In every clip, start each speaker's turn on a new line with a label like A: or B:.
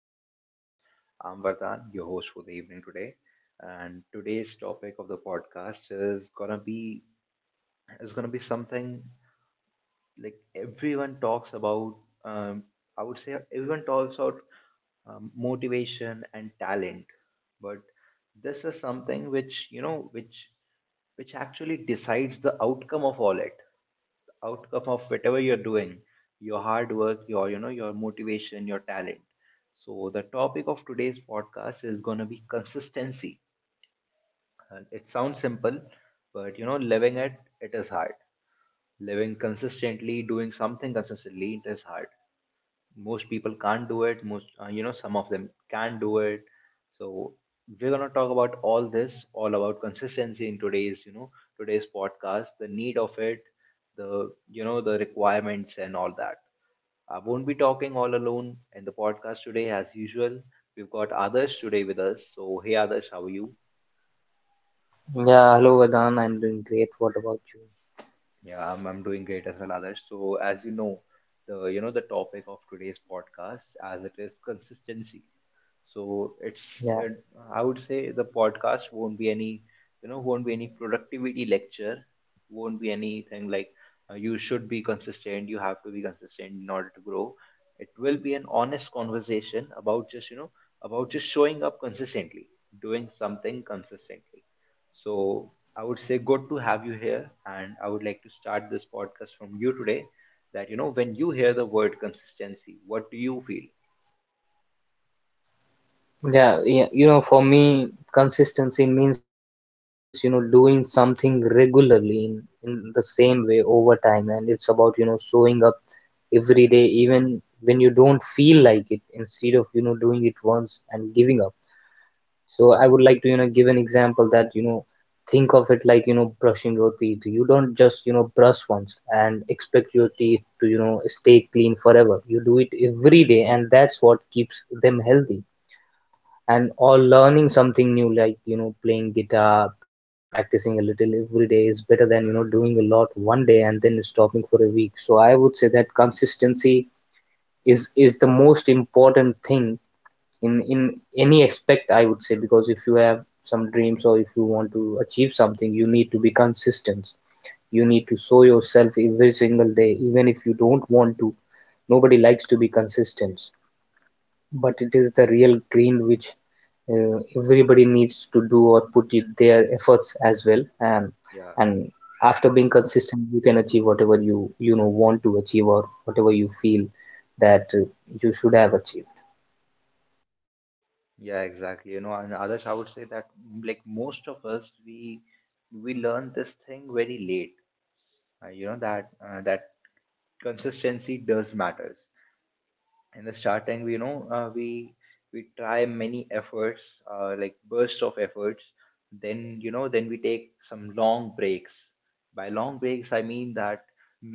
A: podcast. I'm Vardhan, your host for the evening today, and today's topic of the podcast is gonna be something like everyone talks about. Um, I would say everyone talks about motivation and talent, but this is something which you know which actually decides the outcome of whatever you're doing, your hard work, your motivation, your talent. So the topic of today's podcast is going to be consistency, and it sounds simple, but living it is hard. Living consistently, doing something consistently, it is hard. Most people can't do it. Most you know Some of them can do it. So we're going to talk about all about consistency in today's you know today's podcast, the need of it, the you know the requirements and all that. I won't be talking all alone in the podcast today, as usual. We've got Adarsh today with us. So, hey, Adarsh, how are you?
B: Yeah, hello Vedant. I'm doing great. What about you?
A: Yeah, I'm doing great as well, Adarsh. So, as you know, the topic of today's podcast, as it is consistency. So it's uh,
B: Yeah,
A: I would say the podcast won't be any productivity lecture, won't be anything like, you should be consistent, you have to be consistent in order to grow. It will be an honest conversation about just showing up consistently, doing something consistently. So I would say good to have you here, and I would like to start this podcast from you today. That, when you hear the word consistency, what do you feel?
B: yeah. For me, consistency means, doing something regularly in the same way over time. And it's about, showing up every day, even when you don't feel like it, instead of, doing it once and giving up. So I would like to, give an example that, think of it like, brushing your teeth. You don't just, brush once and expect your teeth to, stay clean forever. You do it every day, and that's what keeps them healthy. And or learning something new, like, playing guitar, practicing a little every day is better than, doing a lot one day and then stopping for a week. So I would say that consistency is the most important thing in any aspect, I would say, because if you have some, if you want to achieve something, you need to be consistent. You need to show yourself every single day even if you don't want to. Nobody likes to be consistent, but it is the real grind which everybody needs to do or put in their efforts as well. and
A: Yeah,
B: and after being consistent you can achieve whatever you you know want to achieve or whatever you feel that you should have achieved.
A: yeah, exactly. You know, and others, I would say that like most of us, we learn this thing very late. You know that that consistency does matters. In the starting, we you know we try many efforts, like bursts of efforts. Then you know then we take some long breaks. By long breaks, I mean that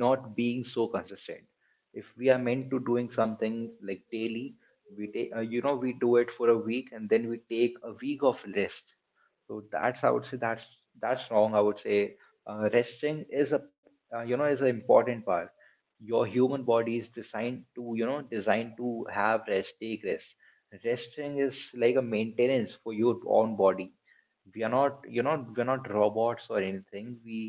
A: not being so consistent. If we are meant to doing something like daily, we take you know we do it for a week and then we take a week of rest. So that's I would say that's wrong, I would say. Resting is a you know is an important part. Your human body is designed to, have rest, take rest. Resting is like a maintenance for your own body. We are not you know we're not robots or anything. we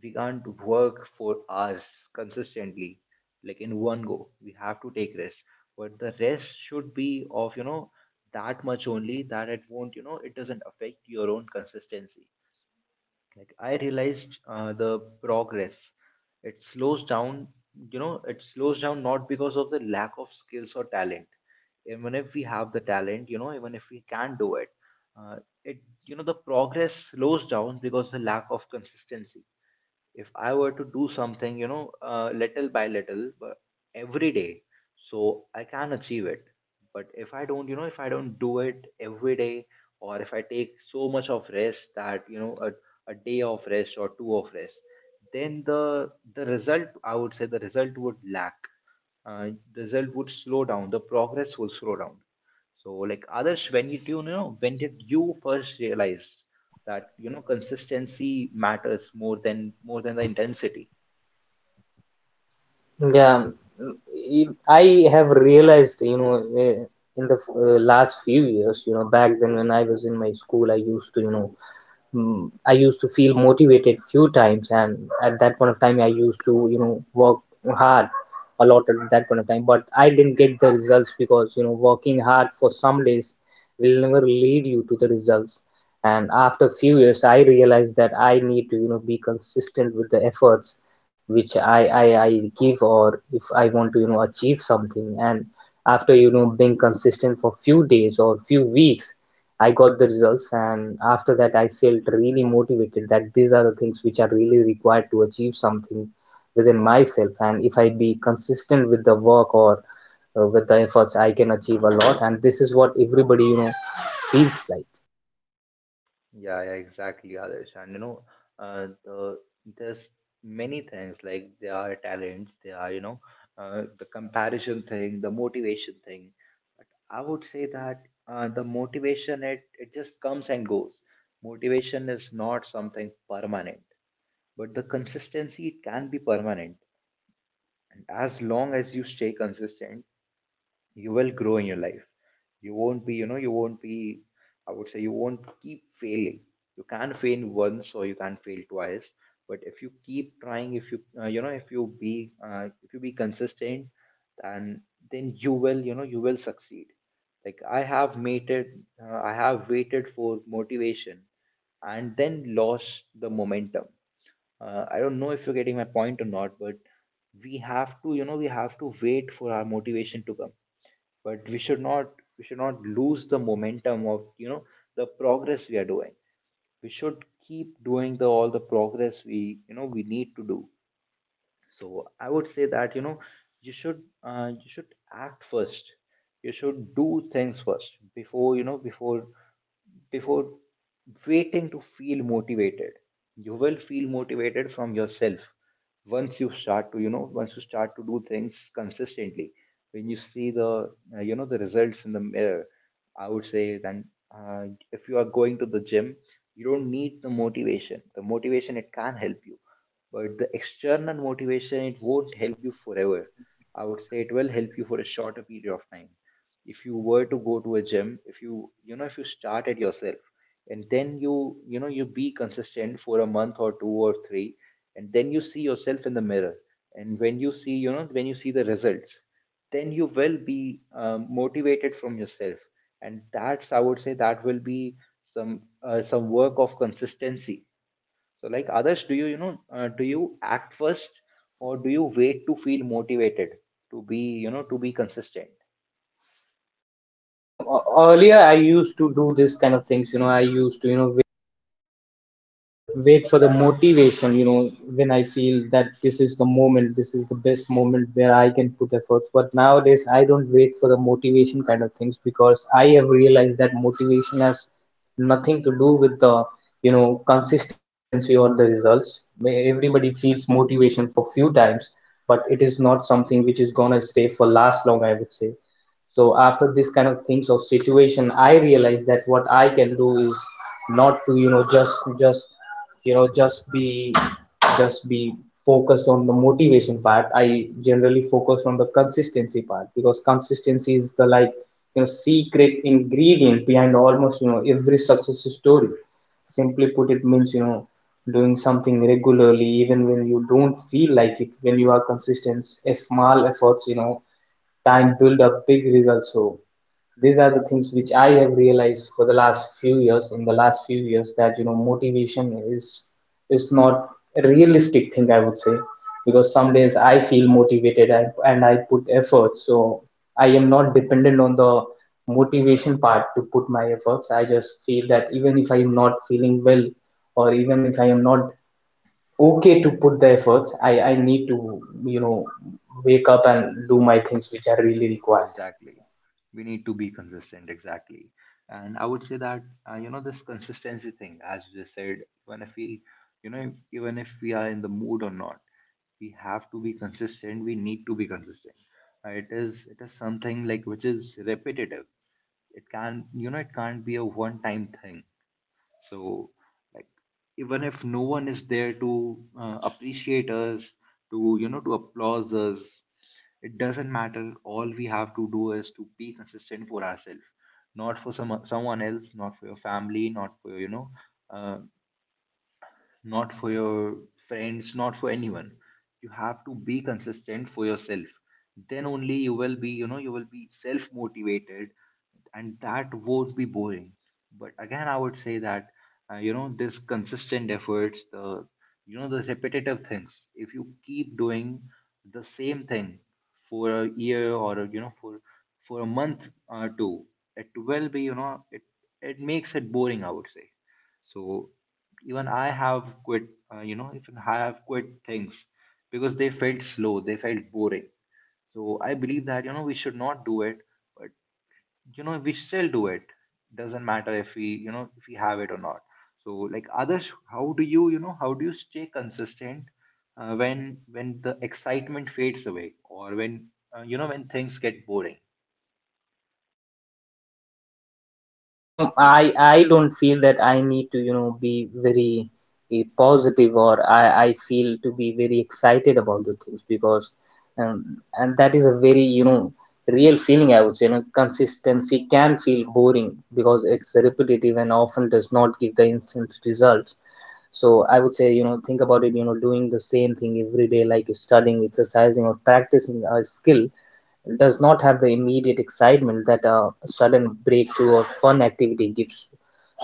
A: we can't work for hours consistently, like in one go. We have to take rest, but the rest should be of, that much only, that it won't it doesn't affect your own consistency. Like, I realized the progress, it slows down. You know, it slows down not because of the lack of skills or talent. Even if we have the talent, you know, even if we can do it, uh, the progress slows down because the lack of consistency. If I were to do something, little by little, but every day, so I can achieve it. But if I don't do it every day, or if I take so much of rest that, a day of rest or two of rest, then the result, I would say, the result would slow down, the progress will slow down. So, like, others, when did you first realize that, consistency matters more than the intensity?
B: Yeah, mm, e- have realized, eh, in the last few years, you know, back then when I was in my school, I used to, I used to feel motivated few times, and at that point of time, I to, work hard a lot at that point of time, but I didn't get the results because, working hard for some days will never lead you to the results. And after a few years I realized that I need to, be consistent with the efforts which I give, or if I want to, achieve something. And after, being consistent for few days or few weeks, I got the results, and after that I felt really motivated, that these are the things which are really required to achieve something within myself. And if I be consistent with the work or with the efforts, I can achieve a lot, and this is what everybody, feels like.
A: Yeah, yeah, exactly, others. And, uh, the there's many things, like, there are talents, there are, the comparison thing, the motivation thing. But I would say that the motivation, it just comes and goes. Motivation is not something permanent, but the consistency, it can be permanent. And as long as you stay consistent, you will grow in your life. You won't be, I would say, you won't keep failing. You can't fail once or you can't fail twice, but if you keep trying, if you you know if you be consistent, then you will succeed. Like, I have waited for motivation and then lost the momentum. I don't know if you're getting my point or not, but we have to wait for our motivation to come. But we should not lose the momentum of, the progress we are doing. We should keep doing the all the progress we you know we need to do. So I would say that, you should act first. You should do things first before, before waiting to feel motivated. You will feel motivated from yourself once you start to you know once you start to do things consistently. When you see the you know the results in the mirror, I would say, then, uh, if you are going to the gym, you don't need the motivation. The motivation, it can help you, but the external motivation, it won't help you forever. I would say it will help you for a shorter period of time. If you were to go to a gym, if you start at yourself, and then you be consistent for a month or two or three, and then you see yourself in the mirror, and when you see the results, then you will be motivated from yourself, and that's, I would say, that will be some, work of consistency. So, like, others, do you act first, or do you wait to feel motivated to be consistent?
B: You know e-, earlier I used to do this kind of things you know I used to you know wait for the motivation you know when I feel that this is the moment this is the best moment where I can put efforts but nowadays I don't wait for the motivation kind of things because I have realized that motivation has nothing to do with the you know consistency or the results everybody feels motivation for few times but it is not something which is gonna stay for last long I would say so after this kind of things or situation, I realize that what I can do is not to you know just you know just be focused on the motivation part I generally focus on the consistency part because consistency is the like you know secret ingredient behind almost you know every success story simply put it means you know doing something regularly even when you don't feel like it when you are consistent if small efforts you know time build up big results so these are the things which I have realized for the last few years in the last few years that you know motivation is not a realistic thing I would say because some days I feel motivated and I put effort so I am not dependent on the motivation part to put my efforts I just feel that even if I am not feeling well or even if I am not okay to put the efforts I need to you know wake up
A: We
B: and do
A: need,
B: my things which are really required
A: exactly. We need to be consistent, exactly. And I would say that, this consistency thing, as you just said, even if we, you know, if, even if we are in the mood or not, we have to be consistent. We need to be consistent. It is something, like, which is repetitive. It can't be a one time thing. So, like, even if no one is there to, appreciate us, to, to applause us, it doesn't matter. All we have to do is to be consistent for ourselves, not for someone else, not for your family, uh, not for your friends, not for anyone. You have to be consistent for yourself. Then only you will be self motivated, and that won't be boring. But again, I would say that, this consistent efforts, the repetitive things, if you keep doing the same thing for a year, or, for a month or two, it will be, you know, it makes it boring, I would say. So, even I have quit, things because they felt slow, they felt boring. So I believe that, we should not do it, but, we still do it. Doesn't matter if we have it or not. So, like, others, how do you stay consistent, when the excitement fades away, or when things get boring?
B: I don't feel that I need to, be very positive, or I feel to be very excited about the things, because um, and that is a very, real feeling, I would say. You know, consistency can feel boring because it's repetitive and often does not give the instant results. So I would say, think about it. You know, doing the same thing every day, like studying, exercising, or practicing a skill, does not have the immediate excitement that a sudden breakthrough or fun activity gives.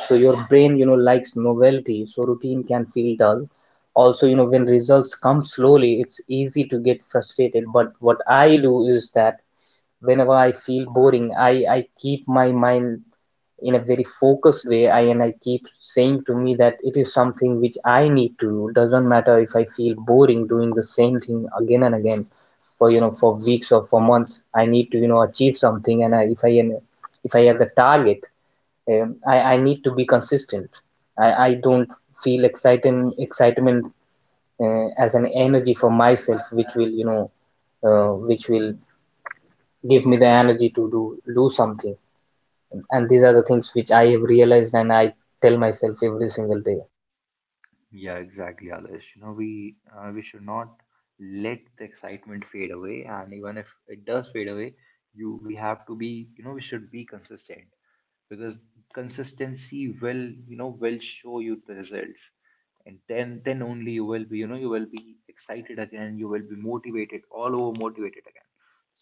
B: So your brain, likes novelty, so routine can feel dull. Also, when results come slowly, it's easy to get frustrated. But what I do is that whenever I feel boring, I keep my mind in a very focused way. I and I keep saying to me that it is something which I need to do. Doesn't matter if I feel boring doing the same thing again and again for, for weeks or for months. I need to, achieve something, and I, if I, if I have the target, I need to be consistent. I don't feel exciting excitement as an energy for myself, which will, which will give me the energy to do do something. And these are the things which I have realized, and I tell myself every single day.
A: Yeah, exactly, Adarsh. You know, we should not let the excitement fade away, and even if it does fade away, you we have to be, you know, we should be consistent, because consistency will show you the results, and then only you will be excited again, you will be motivated, all over motivated again.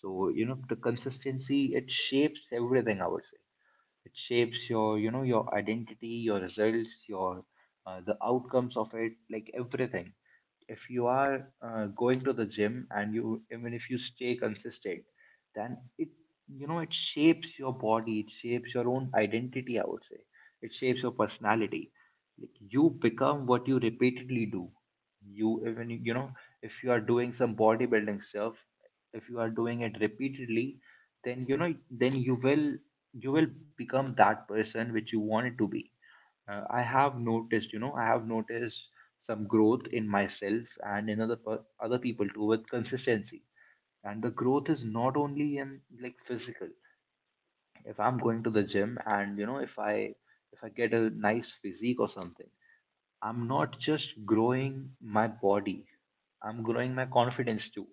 A: So, the consistency, it shapes everything, I would say. It shapes your identity, your results, your the outcomes of it, like everything. If you are, going to the gym, and you even if you stay consistent, then, it shapes your body, it shapes your own identity, I would say, it shapes your personality. Like, you become what you repeatedly do. You Even, if you are doing some bodybuilding stuff, if you are doing it repeatedly, then you will become that person which you wanted to be. I have noticed some growth in myself and in other people too with consistency. And the growth is not only in, like, physical. If I'm going to the gym and if I get a nice physique or something, I'm not just growing my body, I'm growing my confidence too.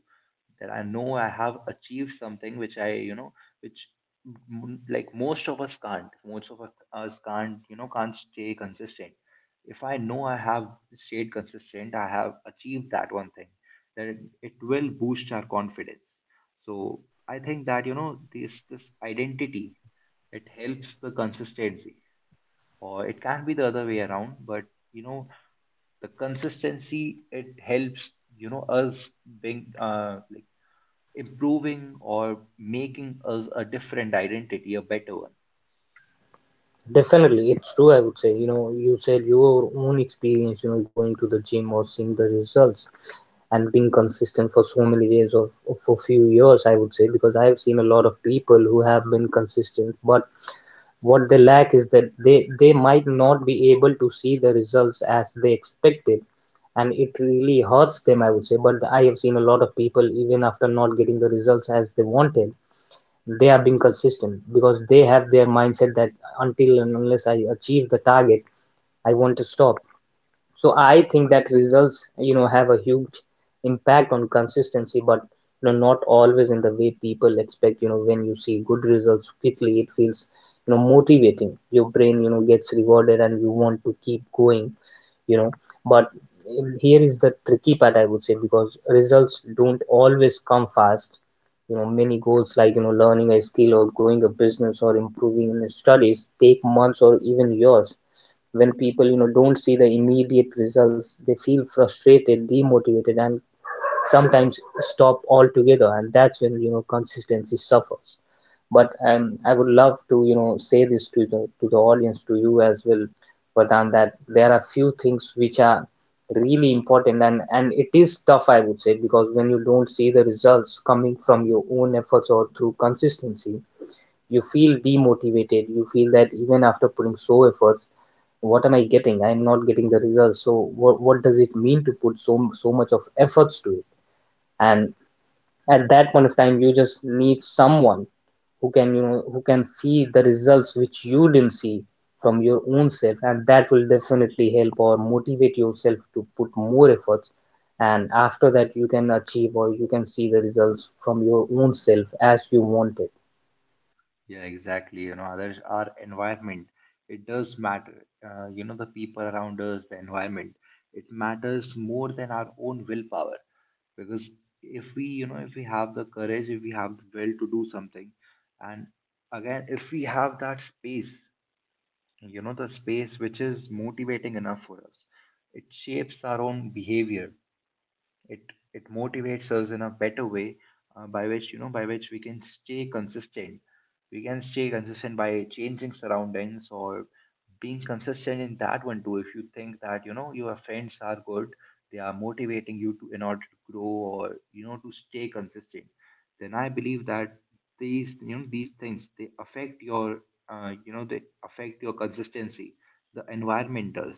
A: That I know I have achieved something which I, you know, which m- like most of us can't. Most of us can't, can't stay consistent. If I know I have stayed consistent, I have achieved that one thing, then it will boost our confidence. So I think that, this identity, it helps the consistency, or it can be the other way around. But you know the consistency, it helps us being like improving or making us a different identity, a better one.
B: Definitely, it's true. I would say, you know, you said your own experience, going to the gym or seeing the results and being consistent for so many days or for few years, I would say, because I have seen a lot of people who have been consistent, but what they lack is that they might not be able to see the results as they expected, and it really hurts them, I would say. But I have seen a lot of people, even after not getting the results as they wanted, they are being consistent because they have their mindset that until and unless I achieve the target, I want to stop. So I think that results, have a huge impact on consistency, but you know, not always in the way people expect. You know, when you see good results quickly, it feels, motivating. Your brain, gets rewarded, and you want to keep going. You know, but here is the tricky part, I would say, because results don't always come fast. You know, many goals, like, learning a skill or growing a business or improving in your studies, take months or even years. When people, don't see the immediate results, they feel frustrated, demotivated, and sometimes stop altogether, and that's when, consistency suffers. But I would love to, say this to the, to the audience, to you as well, Vardhan, that there are few things which are really important, and it is tough, I would say, because when you don't see the results coming from your own efforts or through consistency, you feel demotivated. You feel that even after putting so efforts, what am I getting? I'm not getting the results. So what does it mean to put so so much of efforts to it? And at that point of time you just need someone who can, who can see the results which you didn't see from your own self, and that will definitely help or motivate yourself to put more efforts. And after that you can achieve, or you can see the results from your own self as you want it.
A: Yeah, exactly. You know, others, our environment, it does matter. You know, the people around us, the environment, it matters more than our own willpower. Because if we if we have the courage, if we have the will to do something, and again if we have that space, you know, the space which is motivating enough for us, it shapes our own behavior. it it motivates us in a better way, by which by which we can stay consistent. We can stay consistent by changing surroundings, or being consistent in that one too. If you think that, you know, your friends are good, they are motivating you to, in order to grow, or you know, to stay consistent, then I believe that these, you know, these things, they affect your they affect your consistency. The environment does.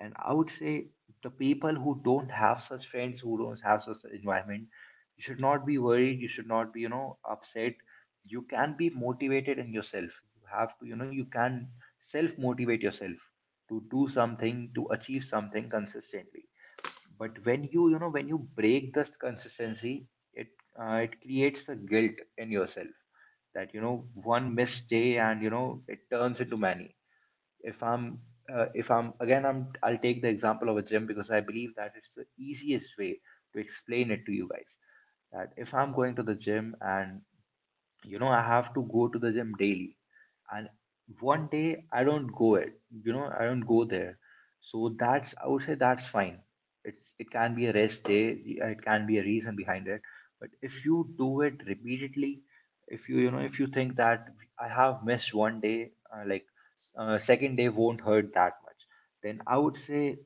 A: And I would say the people who don't have such friends, who don't have such environment, you should not be worried. You should not be, you know, upset. You can be motivated in yourself. You have to, you know, you can self motivate yourself to do something, to achieve something consistently. But when you know, when you break this consistency, it it creates the guilt in yourself, that you know, one missed day and you know it turns into many. If i'm if I'm again I'm I'll take the example of a gym, because I believe that it's the easiest way to explain it to you guys. That if I'm going to the gym and you know, I have to go to the gym daily, and one day I don't go, it, you know, I don't go there, so that's, I would say that's fine. It's, it can be a rest day, it can be a reason behind it. But if you do it repeatedly, if you you know if you think that I have missed one day, second day won't hurt that much, then I would say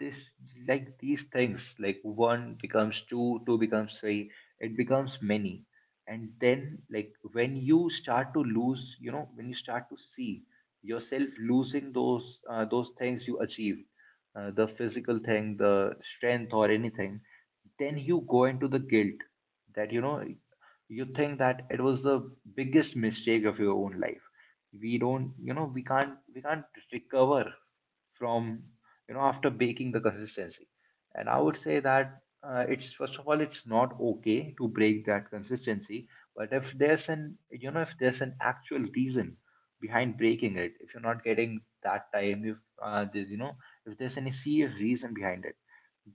A: this, like these things, like one becomes two, two becomes three, it becomes many. And then like when you start to lose, you know, when you start to see yourself losing those things you achieved, the physical thing, the strength or anything, then you go into the guilt, that you know, you think that it was the biggest mistake of your own life. We don't, you know, we can't, we can't recover from, you know, after baking the consistency. And I would say that, it's, first of all, it's not okay to break that consistency. But if there's an, you know, if there's an actual reason behind breaking it, if you're not getting that time, if there's, you know, if there's any serious reason behind it,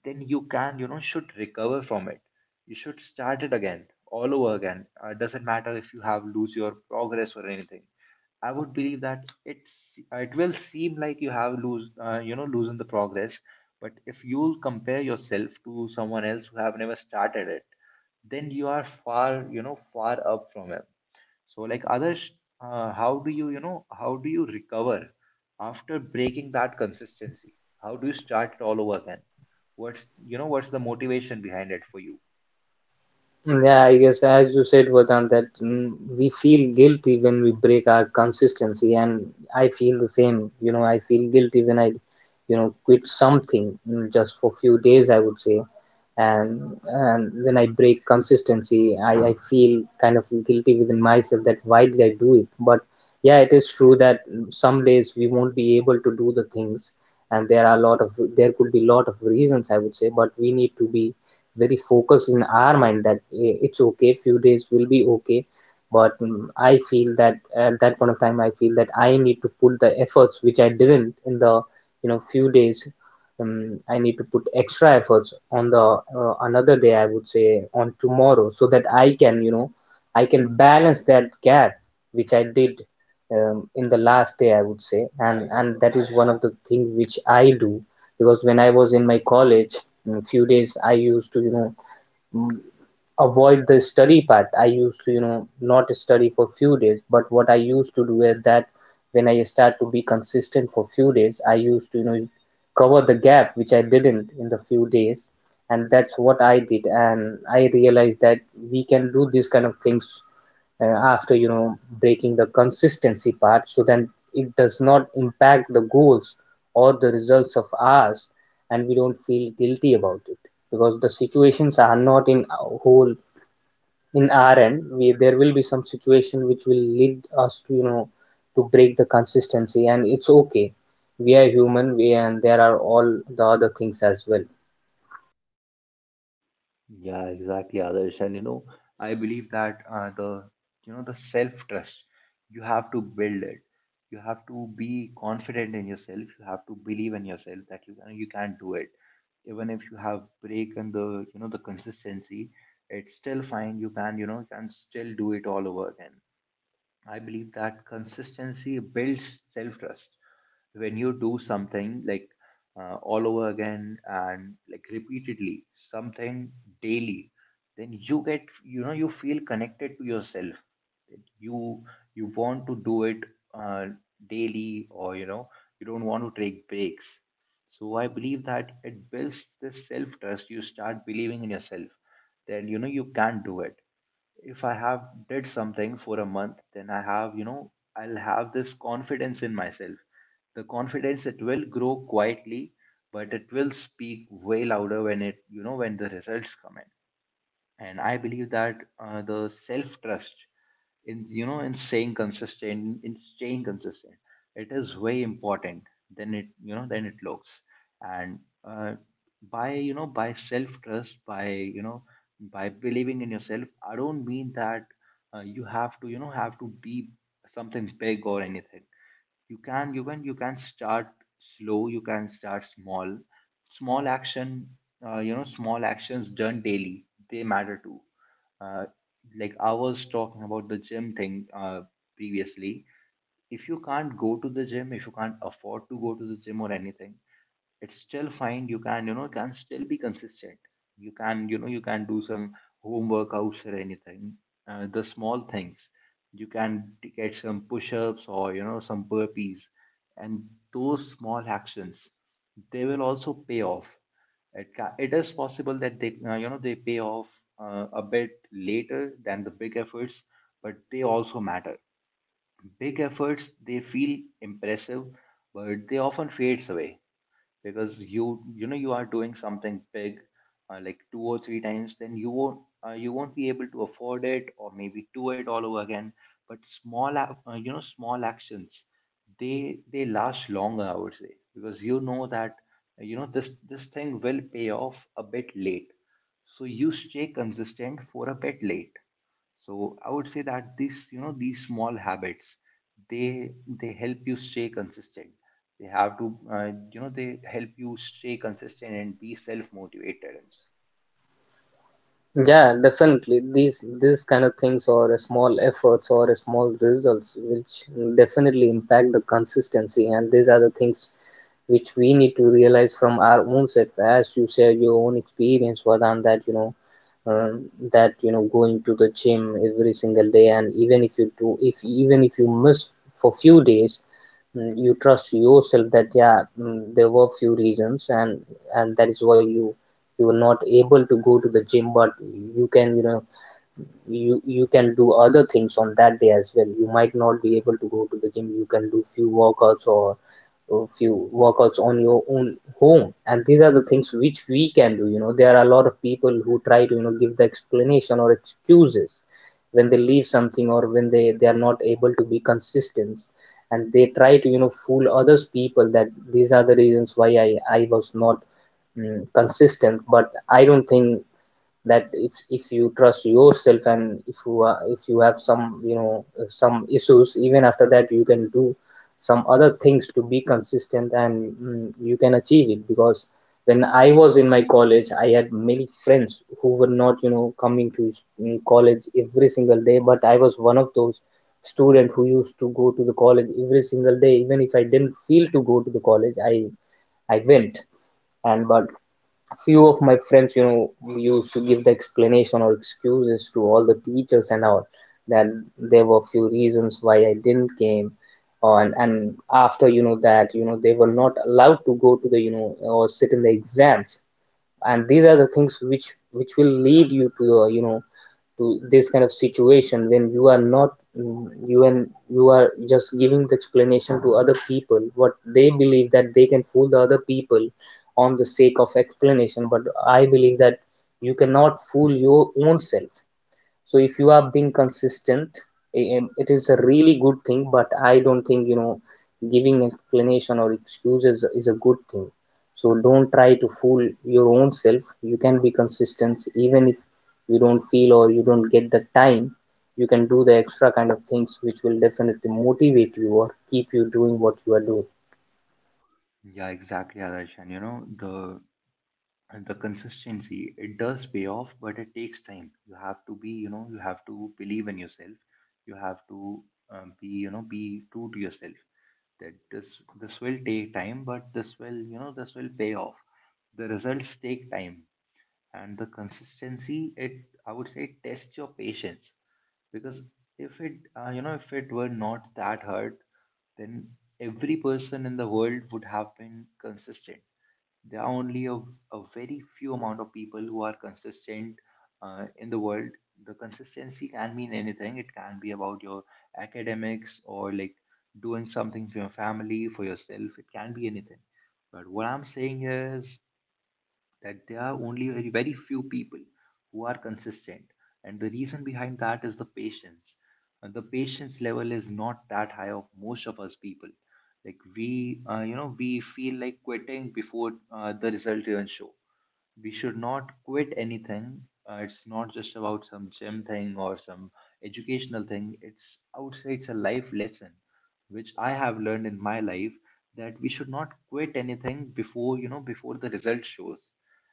A: then you can, you know, should recover from it. You should start it again, all over again. Doesn't matter if you have lose your progress or anything. I would believe that it's, it will seem like you have lose you know, losing the progress, but if you compare yourself to someone else who have never started it, then you are far, you know, far up from him. So, like others, how do you, you know, how do you recover after breaking that consistency? How do you start it all over again? What's, you know, what's the motivation behind it for you?
B: Yeah, I guess as you said, Vedant, that we feel guilty when we break our consistency, and I feel the same. You know, I feel guilty when I, quit something just for few days, I would say, and when I break consistency, I feel kind of guilty within myself, that why did I do it? But yeah, it is true that some days we won't be able to do the things, and there could be a lot of reasons, I would say, but we need to be very focused in our mind that it's okay, few days will be okay. But I feel that at that point of time, I feel that I need to put the efforts which I didn't in the few days. I need to put extra efforts on the another day, I would say, on tomorrow, so that I can I can balance that gap which I did in the last day, I would say. And that is one of the things which I do because when I was in my college, in a few days I used to, you know, mm, avoid the study part. I used to, you know, not study for few days. But what I used to do is that when I start to be consistent for few days, I used to, you know, cover the gap which I didn't in the few days, and that's what I did. And I realized that we can do these kind of things after, you know, breaking the consistency part, so then it does not impact the goals or the results of ours, and we don't feel guilty about it because the situations are not in our end. We, there will be some situation which will lead us to, you know, to break the consistency, and it's okay. We are human, we and there are all the other things as well.
A: Yeah, exactly, Adarsh. And you know, I believe that the, you know, the self-trust, you have to build it. You have to be confident in yourself. You have to believe in yourself that you can, you can do it. Even if you have break in the, you know, the consistency, it's still fine. You can, you know, you can still do it all over again. I believe that consistency builds self trust. When you do something like all over again and like repeatedly, something daily, then you get, you know, you feel connected to yourself. That you want to do it, uh, daily, or you know, you don't want to take breaks. So I believe that it builds this self trust. You start believing in yourself. Then you know you can do it. If I have did something for a month, then I have, you know, I'll have this confidence in myself. The confidence, it will grow quietly, but it will speak way louder when it, you know, when the results come in. And I believe that the self trust in, you know, in staying consistent in staying consistent, it is way important than it, you know, than it looks. And uh, by, you know, by self trust, by, you know, by believing in yourself, I don't mean that you have to, you know, have to be something big or anything. You can even, you can start slow, you can start small, small action, you know, small actions done daily, they matter too. uh, like I was talking about the gym thing, previously. If you can't go to the gym, if you can't afford to go to the gym or anything, it's still fine, you can, you know, can still be consistent. You can, you know, you can do some home workouts or anything, the small things. You can get some push-ups or you know, some burpees. And those small actions, they will also pay off. It is possible that they you know, they pay off a bit later than the big efforts, but they also matter. Big efforts, they feel impressive, but they often fades away, because you know, you are doing something big, like two or three times, then you won't, you won't be able to afford it or maybe do it all over again. But you know, small actions, they last longer, I would say, because you know that, you know, this thing will pay off a bit late, so you stay consistent for a bit late. So I would say that these, you know, these small habits, they they help you stay consistent. They have to, you know, they help you stay consistent and be self-motivated.
B: Yeah, definitely. These kind of things, or a small efforts or a small results, which definitely impact the consistency, and these are the things which we need to realize from our own self, as you share your own experience, rather than that, you know, that, you know, going to the gym every single day. And even if you do, if even if you miss for few days, you trust yourself that yeah, there were few reasons, and that is why you, you are not able to go to the gym. But you can, you know, you can do other things on that day as well. You might not be able to go to the gym, you can do few workouts on your own home. And these are the things which we can do. You know, there are a lot of people who try to, you know, give the explanation or excuses when they leave something, or when they are not able to be consistent, and they try to, you know, fool others people that these are the reasons why I was not consistent. But I don't think that if you trust yourself, and if you are, if you have some, you know, some issues, even after that you can do some other things to be consistent, and you can achieve it. Because when I was in my college, I had many friends who were not, you know, coming to college every single day. But I was one of those student who used to go to the college every single day. Even if I didn't feel to go to the college, I went. And but few of my friends, you know, used to give the explanation or excuses to all the teachers and all that there were few reasons why I didn't came on. And after, you know, that, you know, they were not allowed to go to the, you know, or sit in the exams. And these are the things which will lead you to you know, to this kind of situation when you are not you, and you are just giving the explanation to other people, what they believe that they can fool the other people on the sake of explanation. But I believe that you cannot fool your own self. So if you are being consistent, it is a really good thing. But I don't think, you know, giving explanation or excuses is a good thing. So don't try to fool your own self. You can be consistent even if you don't feel or you don't get the time. You can do the extra kind of things which will definitely motivate you or keep you doing what you are doing.
A: Yeah, exactly, Adarsh. And you know, the and the consistency, it does pay off, but it takes time. You have to be, you know, you have to believe in yourself. You have to be, you know, be true to yourself. That this will take time, but this will, you know, this will pay off. The results take time, and the consistency, it, I would say it tests your patience. Because if it, you know, if it were not that hard, then every person in the world would have been consistent. There are only a very few amount of people who are consistent in the world. The consistency can mean anything. It can be about your academics, or like doing something for your family, for yourself, it can be anything. But what I'm saying is that there are only very, very few people who are consistent, and the reason behind that is the patience. And the patience level is not that high of most of us people. Like we, you know, we feel like quitting before the result even show. We should not quit anything. It's not just about some gym thing or some educational thing. It's, I would say, it's a life lesson which I have learned in my life, that we should not quit anything before before the result shows,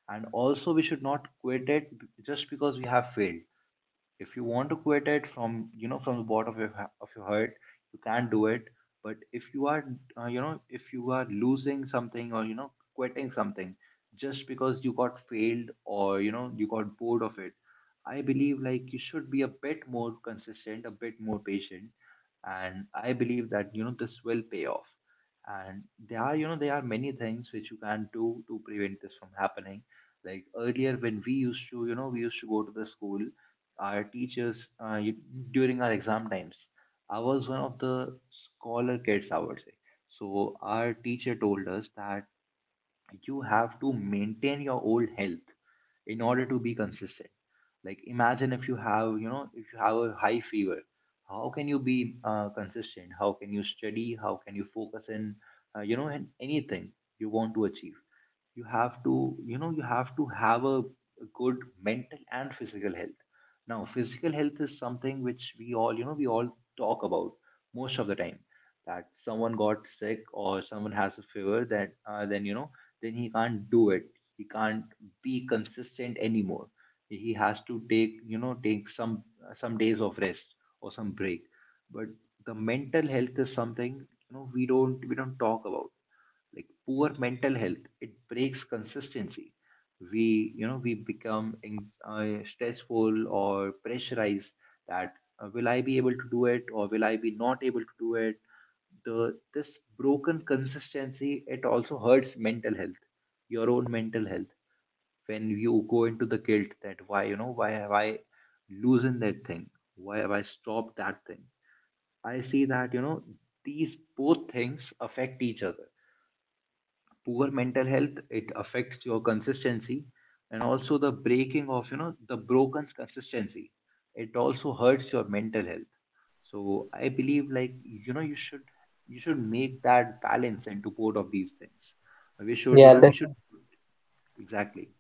A: and also we should not quit it just because we have failed. If you want to quit it from from the bottom of your heart, you can't do it. But if you are if you are losing something or quitting something just because you got failed or you got bored of it, I believe like you should be a bit more consistent, a bit more patient, and I believe that this will pay off. And there are, there are many things which you can do to prevent this from happening. Like earlier when we used to you know we used to go to the school, our teachers you, during our exam times. I was one of the scholar kids, I would say. So our teacher told us that you have to maintain your old health in order to be consistent. Like imagine if you have, if you have a high fever, how can you be consistent? How can you study? How can you focus in, in anything you want to achieve? You have to you have to have a good mental and physical health. Now physical health is something which we all talk about most of the time, that someone got sick or someone has a fever, that then then he can't do it, he can't be consistent anymore. He has to take, take some days of rest or some break. But the mental health is something, we don't talk about. Like poor mental health, it breaks consistency. We we become stressful or pressurized, that will I be able to do it or will I be not able to do it. The this broken consistency, it also hurts mental health, your own mental health, when you go into the guilt that why, why have I loosened that thing, why have I stopped that thing. I see that, these both things affect each other. Poor mental health, it affects your consistency, and also the breaking of, the broken consistency, it also hurts your mental health. So I believe like, you should, you should make that balance into both of these things. We should, you
B: Yeah,
A: know
B: that.
A: we should Exactly.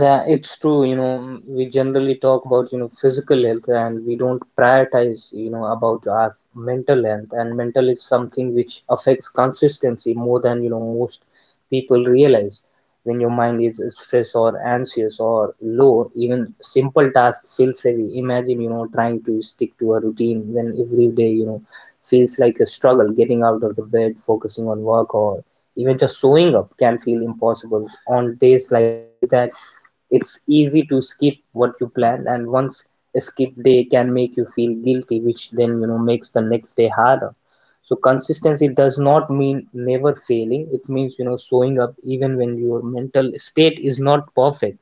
B: Yeah, it's true. You know, we generally talk about, you know, physical health, and we don't prioritize, you know, about our mental health. And mental is something which affects consistency more than, you know, most people realize. When your mind is stressed or anxious or low, even simple tasks feels heavy. Imagine, you know, trying to stick to a routine when every day, you know, feels like a struggle. Getting out of the bed, focusing on work, or even just showing up can feel impossible. On days like that, it's easy to skip what you planned, and once a skip day can make you feel guilty, which then, you know, makes the next day harder. So consistency does not mean never failing. It means, you know, showing up even when your mental state is not perfect.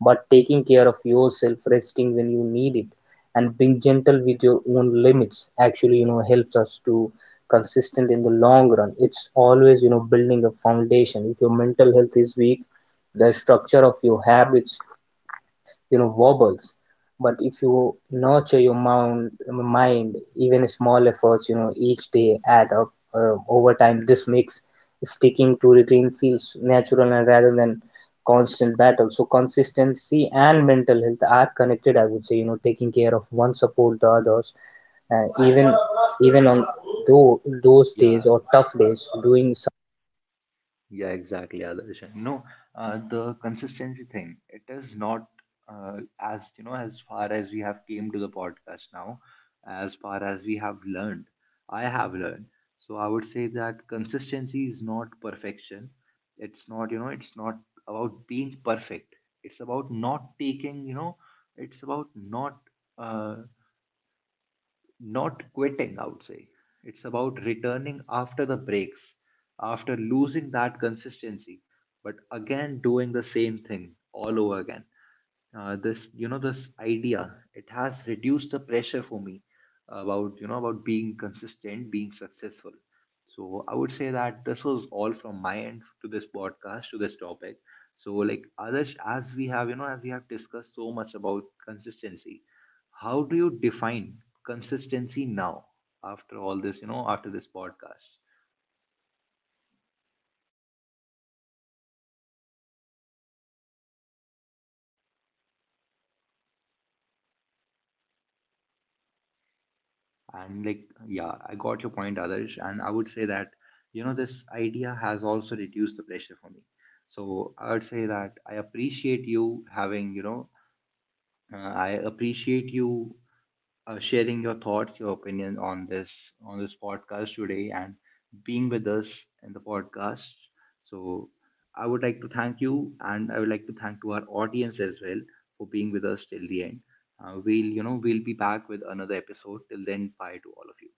B: But taking care of yourself, resting when you need it, and being gentle with your own limits actually, you know, helps us to consistent in the long run. It's always, you know, building a foundation. If your mental health is weak, the structure of your habits, you know, wobbles. But if you nurture your mind, even small efforts, you know, each day add up over time. This makes sticking to routine feels natural, and rather than constant battle. So consistency and mental health are connected, I would say. You know, taking care of one support the others. Even even on those
A: Yeah.
B: days or tough days doing
A: Yeah, exactly, Adarsh. No, the consistency thing, it is not as, you know, as far as we have came to the podcast now, as far as we have learned, I have learned. So I would say that consistency is not perfection. It's not, you know, it's not about being perfect. It's about not taking, you know, it's about not uh, not quitting, I would say. It's about returning after the breaks, after losing that consistency, but again doing the same thing all over again. This, you know, this idea, it has reduced the pressure for me about, you know, about being consistent, being successful. So I would say that this was all from my end to this podcast, to this topic. So like others, as we have, you know, as we have discussed so much about consistency, how do you define consistency now after all this, after this podcast? And like, yeah, I got your point, others, and I would say that, this idea has also reduced the pressure for me. So I would say that I appreciate you having, I appreciate you sharing your thoughts, your opinion on this, on this podcast today, and being with us in the podcast. So, I would like to thank you, and I would like to thank to our audience as well for being with us till the end. We'll, we'll be back with another episode. Till then, bye to all of you.